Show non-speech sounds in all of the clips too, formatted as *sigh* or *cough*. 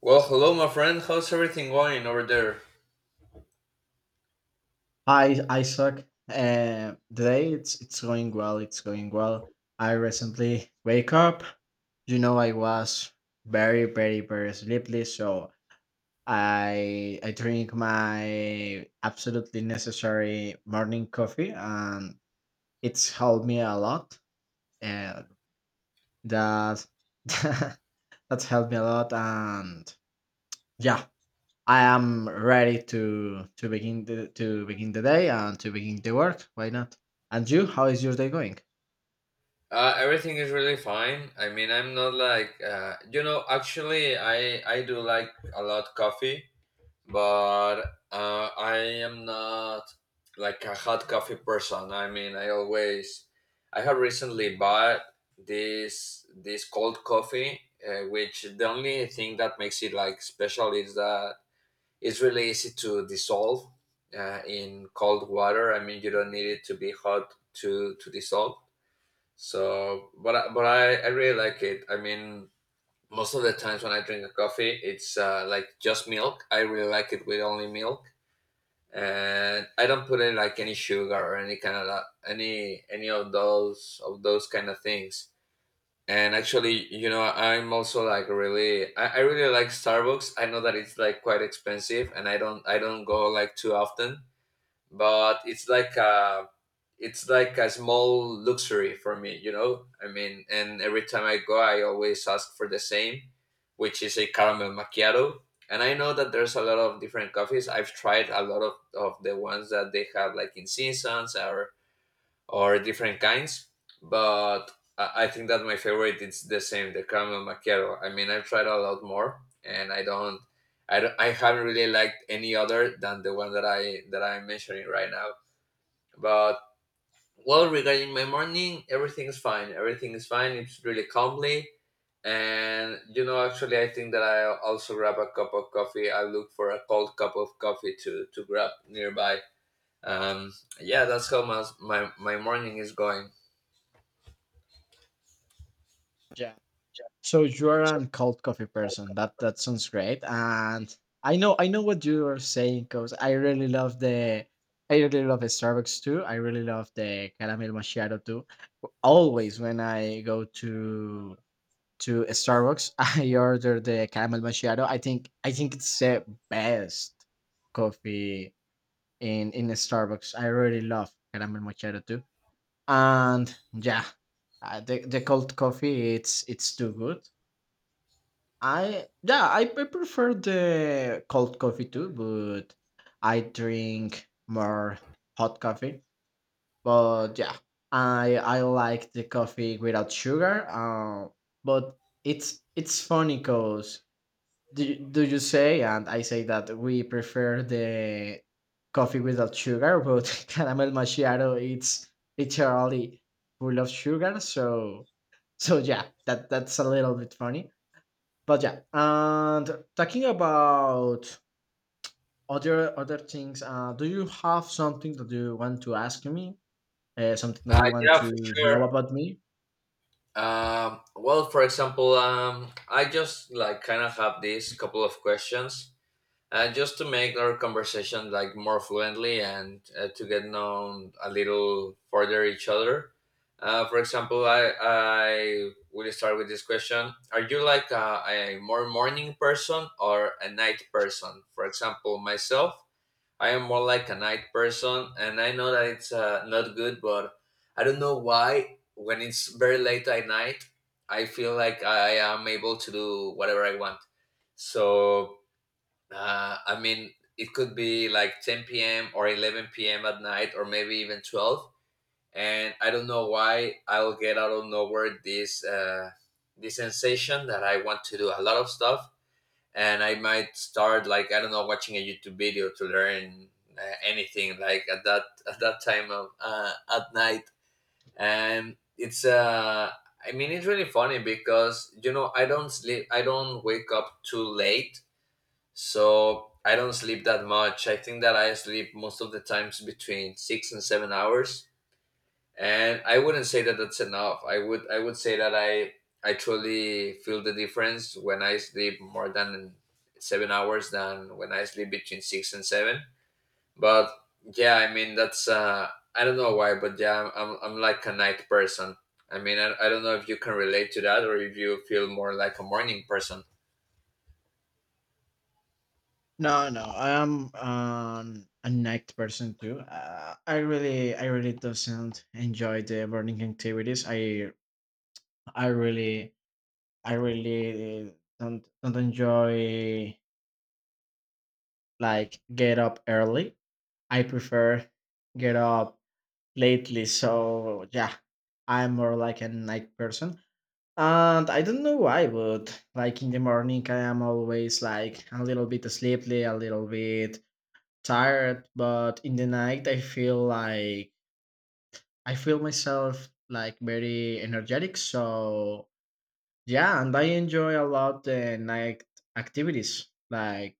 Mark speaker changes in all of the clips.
Speaker 1: Well, hello, my friend. How's everything going over there?
Speaker 2: Hi, Isaac. Today it's going well. It's going well. I recently wake up. You know, I was very, very, very sleepy, so I drink my absolutely necessary morning coffee, and it's helped me a lot. Uh, that *laughs* That's helped me a lot, and yeah, I am ready to begin the day and to begin the work. Why not? And you, how is your day going?
Speaker 1: Everything is really fine. I mean, I'm not like. Actually, I do like a lot coffee, but I am not like a hot coffee person. I mean, I have recently bought this cold coffee, which the only thing that makes it like special is that it's really easy to dissolve in cold water. I mean, you don't need it to be hot to dissolve. So, but I really like it. I mean, most of the times when I drink a coffee, it's like just milk. I really like it with only milk, and I don't put in like any sugar or any kind of that, any of those kind of things. And actually, I'm also like I really like Starbucks. I know that it's like quite expensive, and I don't go like too often. But it's like a small luxury for me. I mean, and every time I go, I always ask for the same, which is a caramel macchiato. And I know that there's a lot of different coffees. I've tried a lot of the ones that they have like in seasons or different kinds. But I think that my favorite is the same, the caramel macchiato. I mean, I've tried a lot more, and I haven't really liked any other than the one that I'm mentioning right now. But well, regarding my morning, everything is fine. Everything is fine. It's really calmly, and actually, I think that I also grab a cup of coffee. I look for a cold cup of coffee to grab nearby. Um, yeah, that's how my morning is going.
Speaker 2: Yeah. So you are a cold coffee person. That sounds great. And I know what you are saying because I really love the Starbucks too. I really love the caramel macchiato too. Always when I go to a Starbucks, *laughs* I order the caramel macchiato. I think it's the best coffee in Starbucks. I really love caramel macchiato too. And yeah, the cold coffee it's too good. I prefer the cold coffee too, but I drink more hot coffee. But yeah, I like the coffee without sugar. But it's funny because do you say and I say that we prefer the coffee without sugar but *laughs* caramel macchiato it's literally full of sugar, so so yeah that's a little bit funny. But yeah, and talking about other things, do you have something that you want to ask me, something that you want
Speaker 1: Yeah, for
Speaker 2: to know
Speaker 1: sure.
Speaker 2: about me?
Speaker 1: Well, for example, I just like kind of have these couple of questions, just to make our conversation like more fluently, and to get known a little further each other. For example, I will start with this question: are you like a more morning person or a night person? For example, myself, I am more like a night person, and I know that it's not good, but I don't know why. When it's very late at night, I feel like I am able to do whatever I want. So, I mean, it could be like 10 p.m. or 11 p.m. at night, or maybe even 12. And I don't know why I'll get out of nowhere this this sensation that I want to do a lot of stuff, and I might start like I don't know watching a YouTube video to learn anything like at that time of at night. And it's I mean it's really funny because I don't wake up too late, so I don't sleep that much. I think that I sleep most of the times between 6 and 7 hours, and I wouldn't say that that's enough. I would say that I truly feel the difference when I sleep more than 7 hours than when I sleep between six and seven. But yeah, I mean, that's I don't know why, but yeah, I'm like a night person. I mean, I don't know if you can relate to that or if you feel more like a morning person.
Speaker 2: No, no, I'm a night person too. I really doesn't enjoy the morning activities. I really, I really don't enjoy like get up early. I prefer get up lately. So yeah, I'm more like a night person, and I don't know why, but like in the morning, I am always like a little bit sleepy, a little bit tired, but in the night I feel myself like very energetic. So yeah, and I enjoy a lot the night activities. Like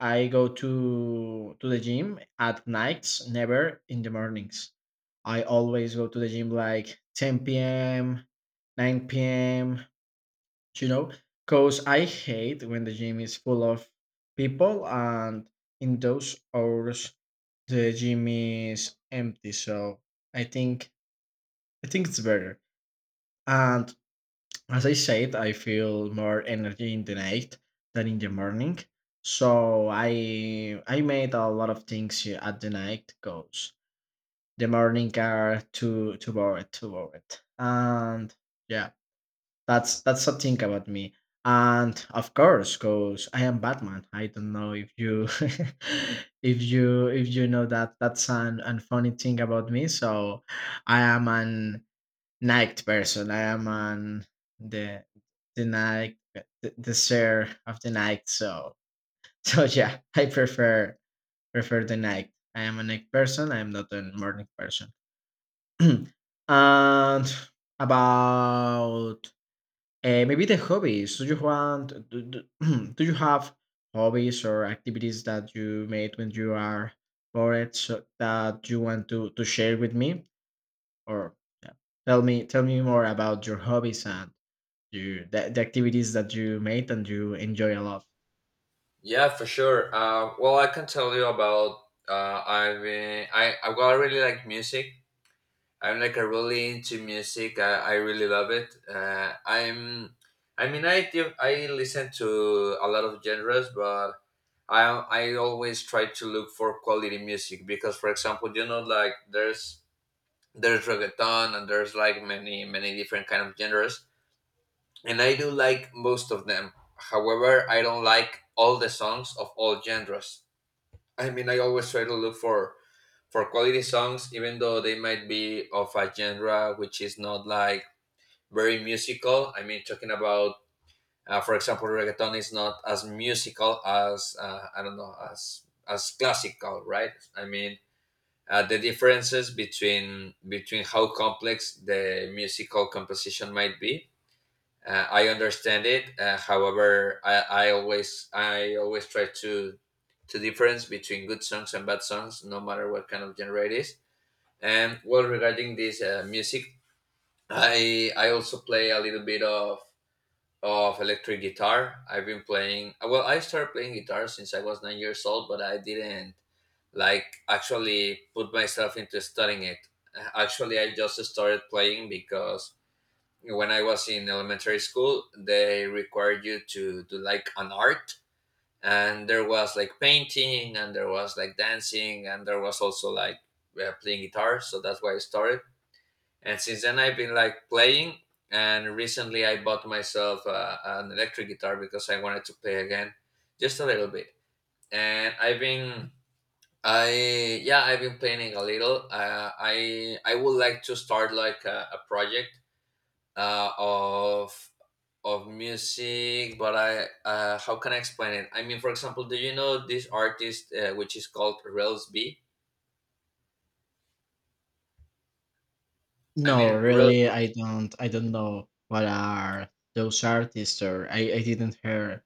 Speaker 2: I go to the gym at nights, never in the mornings. I always go to the gym like 10 p.m, 9 p.m, you know, because I hate when the gym is full of people, and in those hours the gym is empty. So i think I think it's better. And as I said, I feel more energy in the night than in the morning. So i made a lot of things here at the night goes. The morning are too bored, too bored. And yeah, that's a thing about me. And of course, cause I am Batman. I don't know if you *laughs* if you know that that's an funny thing about me. So I am an night person. I am an the the night, the sir of the night. So *laughs* so yeah, I prefer the night. I am a night person. I am not a morning person. *clears throat* And about maybe the hobbies. Do you want? *clears throat* Do you have hobbies or activities that you made when you are bored so that you want to share with me? Or yeah, tell me more about your hobbies and the activities that you made and you enjoy a lot.
Speaker 1: Yeah, for sure. Well, I can tell you about I've been I well, I really like music. I'm like a really into music. I really love it. I mean, I listen to a lot of genres, but I always try to look for quality music because, for example, like there's reggaeton, and there's like many different kind of genres, and I do like most of them. However, I don't like all the songs of all genres. I mean, I always try to look for quality songs, even though they might be of a genre which is not like very musical. I mean, talking about, for example, reggaeton is not as musical as I don't know, as classical, right? I mean, the differences between how complex the musical composition might be. I understand it. However, I always try to difference between good songs and bad songs, no matter what kind of genre it is. And well, regarding this music, I also play a little bit of electric guitar. I've been playing, well, I started playing guitar since I was 9 years old, but I didn't like actually put myself into studying it. Actually, I just started playing because when I was in elementary school, they required you to do like an art, and there was like painting, and there was like dancing, and there was also like playing guitar. So that's why I started, and since then I've been like playing. And recently I bought myself an electric guitar because I wanted to play again just a little bit. And I've been I yeah, I've been playing a little. I would like to start like a project, of music. But I how can I explain it? I mean, for example, do you know this artist, which is called Rels B? i
Speaker 2: No,
Speaker 1: mean
Speaker 2: really, I don't. I don't know what are those artists, or I didn't hear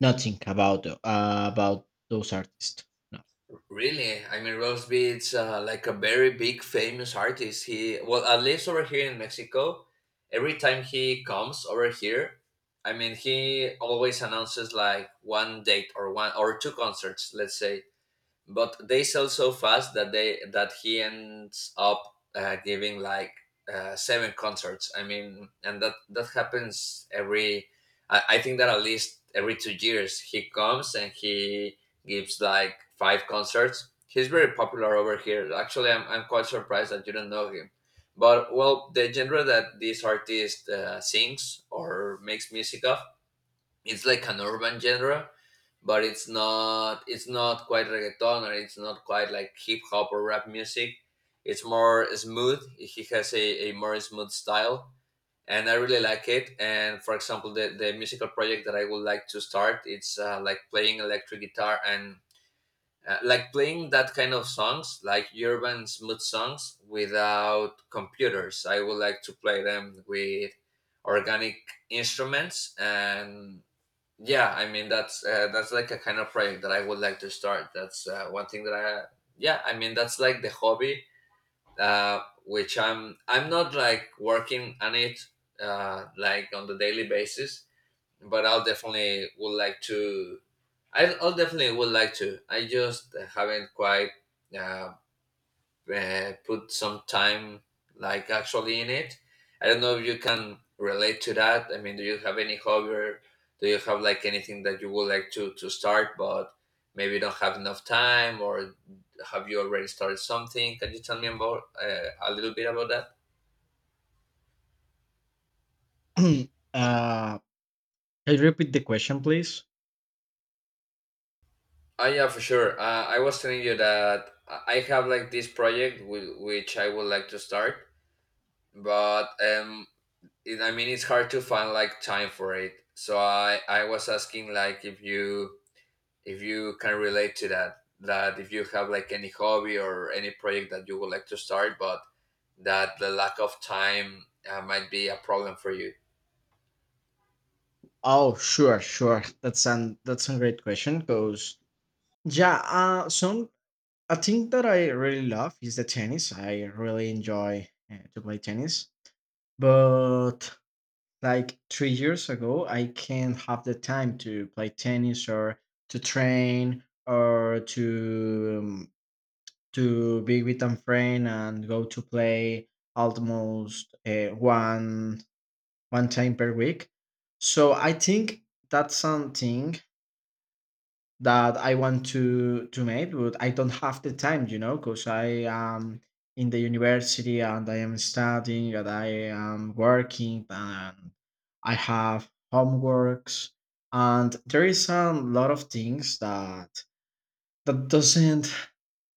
Speaker 2: nothing about about those artists. No.
Speaker 1: Really? I mean, Ross B, like a very big famous artist. He, well, at least over here in Mexico, every time he comes over here, I mean, he always announces like one date or one or two concerts, let's say, but they sell so fast that they that he ends up giving like seven concerts. I mean, and that happens I think that at least every 2 years he comes, and he gives like five concerts. He's very popular over here. Actually, I'm quite surprised that you don't know him. But well, the genre that this artist sings or makes music of, it's like an urban genre, but it's not quite reggaeton, or it's not quite like hip hop or rap music. It's more smooth. He has a more smooth style, and I really like it. And for example, the musical project that I would like to start, it's like playing electric guitar, and like playing that kind of songs, like urban smooth songs without computers. I would like to play them with organic instruments. And yeah, I mean, that's like a kind of project that I would like to start. That's one thing that I mean, that's like the hobby, uh, which I'm not like working on it, like on the daily basis, but I'll definitely would like to. I'll definitely would like to. I just haven't quite uh, put some time like actually in it. I don't know if you can relate to that. I mean, do you have any hobby, or do you have like anything that you would like to start, but maybe don't have enough time, or have you already started something? Can you tell me about, a little bit about that?
Speaker 2: *clears throat* uh, Can you repeat the question, please?
Speaker 1: Oh yeah, for sure. I was telling you that I have like this project, which I would like to start, but I mean, it's hard to find like time for it. So I was asking like if you can relate to that, if you have like any hobby or any project that you would like to start, but that the lack of time might be a problem for you.
Speaker 2: Oh, sure, sure. That's a great question. Cause yeah, some a thing that I really love is the tennis. I really enjoy to play tennis, but like 3 years ago, I can't have the time to play tennis or to train or to be with a friend and go to play almost one time per week. So I think that's something that I want to make, but I don't have the time, you know, because I am in the university and I am studying and I am working and I have homeworks, and there is a lot of things that that doesn't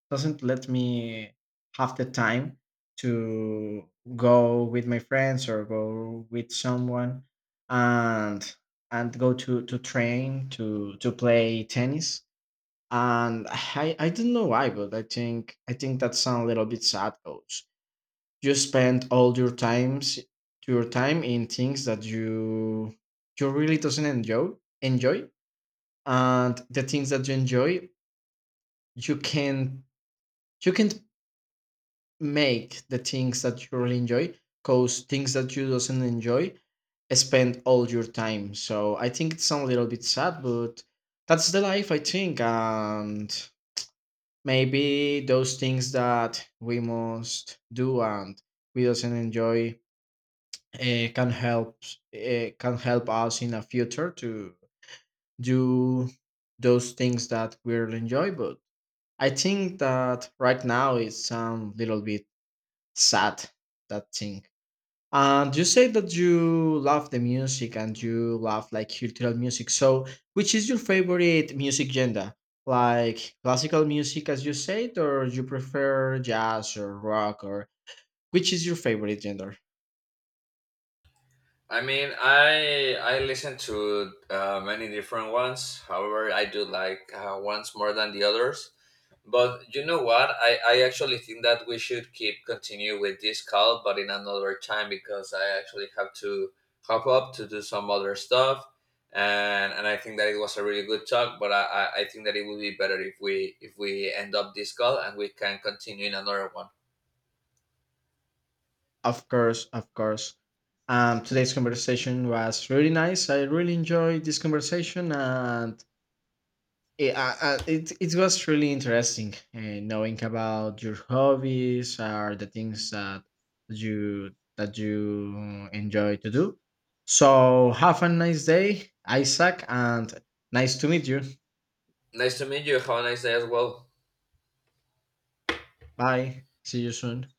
Speaker 2: doesn't let me have the time to go with my friends or go with someone, and go to train to play tennis. And i don't know why, but i think that's a little bit sad, coach. You spend all your times your time in things that you really doesn't enjoy enjoy. And the things that you enjoy, you can you can make the things that you really enjoy because things that you doesn't enjoy spend all your time. So I think it's a little bit sad, but that's the life, I think. And maybe those things that we must do and we doesn't enjoy uh, can help can help us in the future to do those things that we really enjoy. But I think that right now it's a little bit sad, that thing. And you say that you love the music and you love like cultural music. So, which is your favorite music genre? Like classical music, as you said, or you prefer jazz or rock, or which is your favorite genre?
Speaker 1: I mean, I listen to many different ones. However, I do like ones more than the others. But you know what? I actually think that we should keep continue with this call, but in another time, because I actually have to hop up to do some other stuff, and I think that it was a really good talk. But I think that it would be better if we end up this call and we can continue in another one.
Speaker 2: Of course, of course. Today's conversation was really nice. I really enjoyed this conversation, and yeah, it was really interesting, knowing about your hobbies or the things that you enjoy to do. So have a nice day, Isaac, and nice to meet you.
Speaker 1: Nice to meet you. Have a nice day as well.
Speaker 2: Bye. See you soon.